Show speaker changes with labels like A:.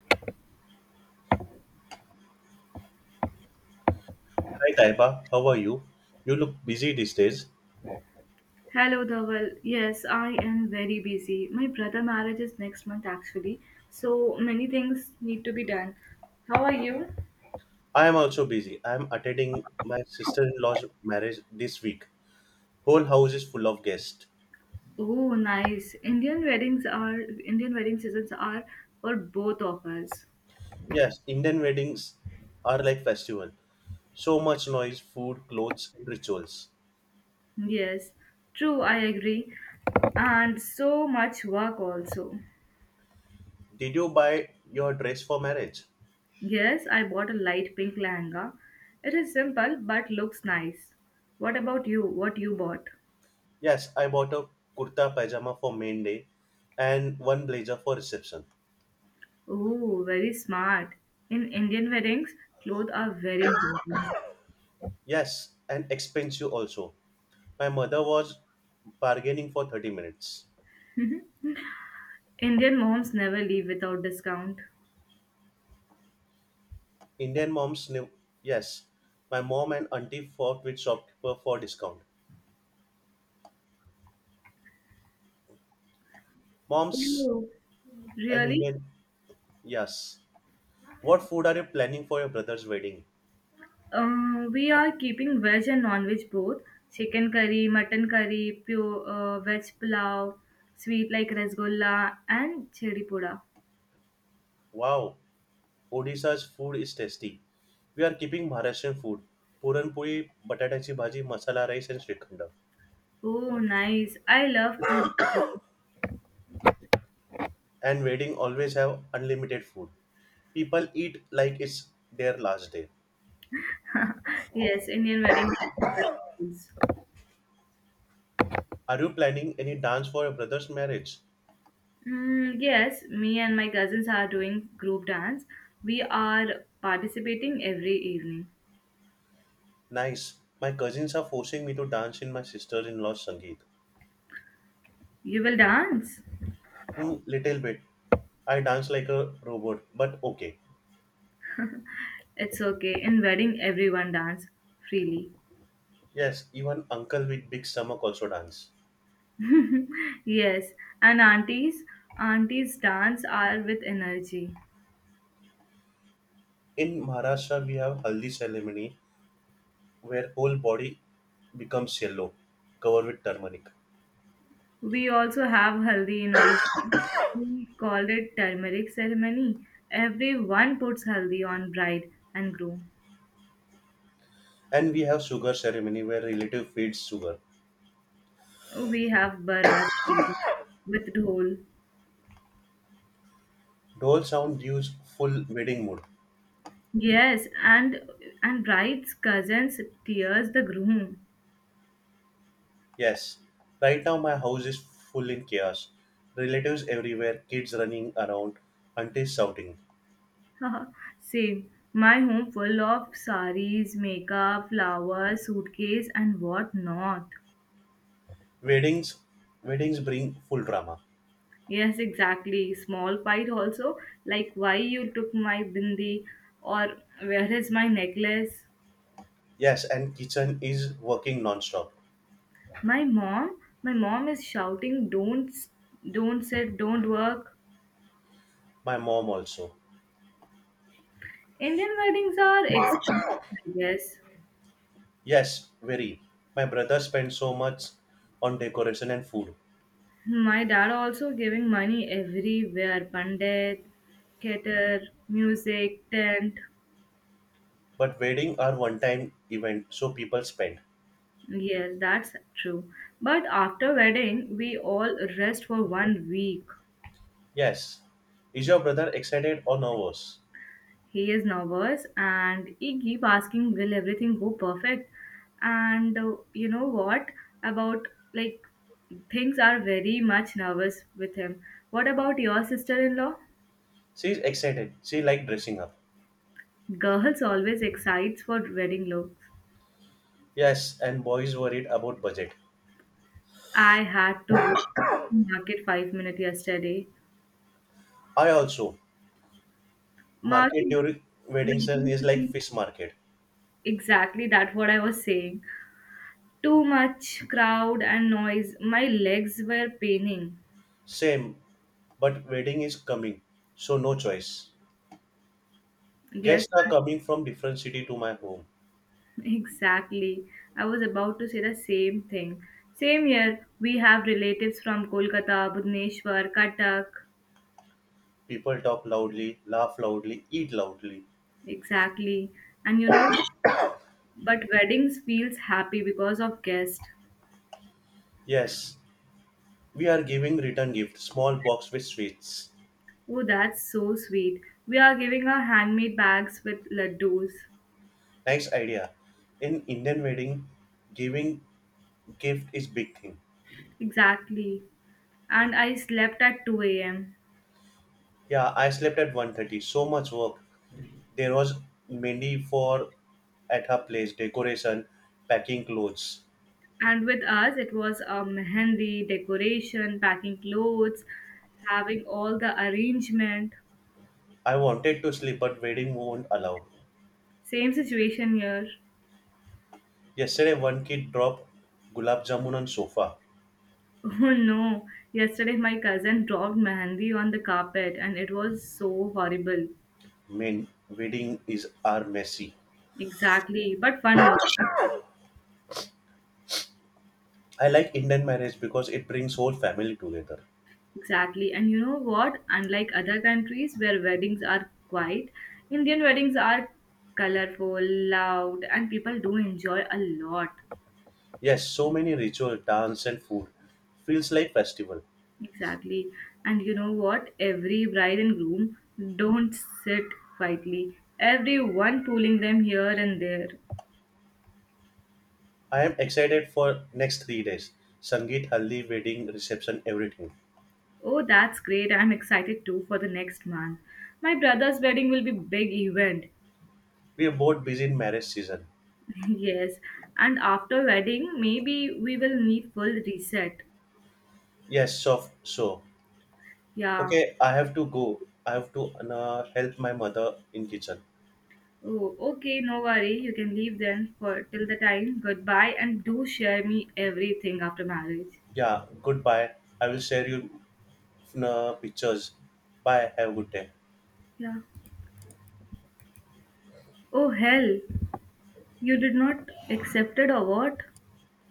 A: Hi Taiba, how are you? You look busy these days.
B: Hello, Dhaval. Yes, I am very busy. My brother marriage is next month actually, so many things need to be done. How are you?
A: I am also busy. I am attending my sister-in-law's marriage this week. Whole house is full of guests.
B: Oh, nice. Indian wedding seasons are for both of us.
A: Yes, Indian weddings are like festival. So much noise, food, clothes, and rituals.
B: Yes, true. I agree. And so much work also.
A: Did you buy your dress for marriage?
B: Yes, I bought a light pink lehenga. It is simple but looks nice. What about you? What you bought?
A: Yes, I bought a kurta pajama for main day and one blazer for reception.
B: Oh, very smart. In Indian weddings, clothes are very important.
A: Yes, and expensive also. My mother was bargaining for 30 minutes.
B: Indian moms never leave without discount.
A: Indian moms knew. Yes, my mom and auntie fought with shopkeeper for discount. Moms
B: Oh,
A: and
B: really?
A: Indian. Yes. What food are you planning for your brother's wedding?
B: We are keeping veg and non-veg both. Chicken curry, mutton curry, pure veg pulao, sweet like rasgulla and chili pura.
A: Wow, Odisha's food is tasty. We are keeping Maharashtrian food. Puranpuri, batatachi bhaji, masala rice and shrikhanda.
B: Oh, nice. I love puri.
A: And wedding always have unlimited food. People eat like it's their last day.
B: Yes, Indian wedding.
A: Are you planning any dance for your brother's marriage?
B: Yes, me and my cousins are doing group dance. We are participating every evening.
A: Nice. My cousins are forcing me to dance in my sister-in-law's sangeet.
B: You will dance?
A: Hmm, little bit. I dance like a robot, but okay.
B: It's okay. In wedding, everyone dance freely.
A: Yes, even uncle with big stomach also dance.
B: Yes, and aunties dance are with energy.
A: In Maharashtra, we have haldi ceremony where whole body becomes yellow, covered with turmeric.
B: We also have haldi in Odisha. We called it turmeric ceremony. Everyone puts haldi on bride and groom.
A: And we have sugar ceremony where relative feeds sugar.
B: We have barat with dhol.
A: Dhol sound gives full wedding mood.
B: Yes, and bride's cousins tears the groom.
A: Yes, right now my house is full in chaos. Relatives everywhere, kids running around, aunties shouting.
B: Same. My home full of saris, makeup, flowers, suitcase, and what not.
A: Weddings, weddings bring full drama.
B: Yes, exactly. Small fight also, like why you took my bindi or where is my necklace?
A: Yes, and kitchen is working non-stop.
B: My mom, my mom is shouting, don't sit, don't work.
A: My mom also.
B: Indian weddings are expensive, I guess.
A: Yes, very. My brother spends so much on decoration and food.
B: My dad also giving money everywhere, pandit, cater, music, tent.
A: But wedding are one-time event, so people spend.
B: Yes, that's true. But after wedding, we all rest for 1 week.
A: Yes. Is your brother excited or nervous?
B: He is nervous and he keep asking, will everything go perfect? And you know what about like things are very much nervous with him. What about your sister-in-law?
A: She's excited. She like dressing up.
B: Girls always excites for wedding looks.
A: Yes, and boys worried about budget.
B: I had to rush to market 5 minutes yesterday.
A: I also. Market
B: Market
A: during wedding season
B: reading
A: is like
B: isn't
A: fish market.
B: exactly that what I was saying. Too much crowd and noise. My legs were paining.
A: Same, but wedding is coming, so no choice.
B: Yes,
A: Guests are coming from different city to my home.
B: exactly. I was about to say the same thing. Same here, we have relatives from Kolkata, Bhubaneswar, Cuttack.
A: People talk loudly, laugh loudly, eat loudly.
B: Exactly. And but weddings feels happy because of guests.
A: Yes, we are giving return gift, small box with sweets.
B: Oh, that's so sweet. We are giving her handmade bags with laddus.
A: Nice idea. In Indian wedding, giving gift is big thing.
B: Exactly. And I slept at 2 a.m.
A: Yeah, I slept at 1:30. So much work. There was many for at her place, decoration, packing clothes.
B: And with us, it was a mehendi, decoration, packing clothes, having all the arrangement.
A: I wanted to sleep, but wedding won't allow.
B: Same situation here.
A: Yesterday, one kid dropped gulab jamun on sofa.
B: Oh no, yesterday my cousin dropped mehendi on the carpet and it was so horrible.
A: Man, wedding is are messy.
B: Exactly, but fun also.
A: I like Indian marriage because it brings whole family together.
B: Exactly. And you know what? Unlike other countries where weddings are quiet, Indian weddings are colorful, loud, and people do enjoy a lot.
A: Yes, so many ritual, dance and food. Feels like festival.
B: Exactly. And you know what? Every bride and groom don't sit quietly. Everyone pulling them here and there.
A: I am excited for next 3 days. Sangeet, haldi, wedding, reception, everything.
B: Oh, that's great. I'm excited too for the next month. My brother's wedding will be big event.
A: We are both busy in marriage season.
B: Yes. And after wedding, maybe we will need full reset.
A: Yes, so so.
B: Yeah.
A: Okay, I have to go. I have to help my mother in kitchen.
B: Oh, okay, no worry. You can leave then for till the time. Goodbye, and do share me everything after marriage.
A: Yeah, goodbye. I will share you pictures. Bye. Have a good day.
B: Yeah. Oh hell, you did not accepted or what?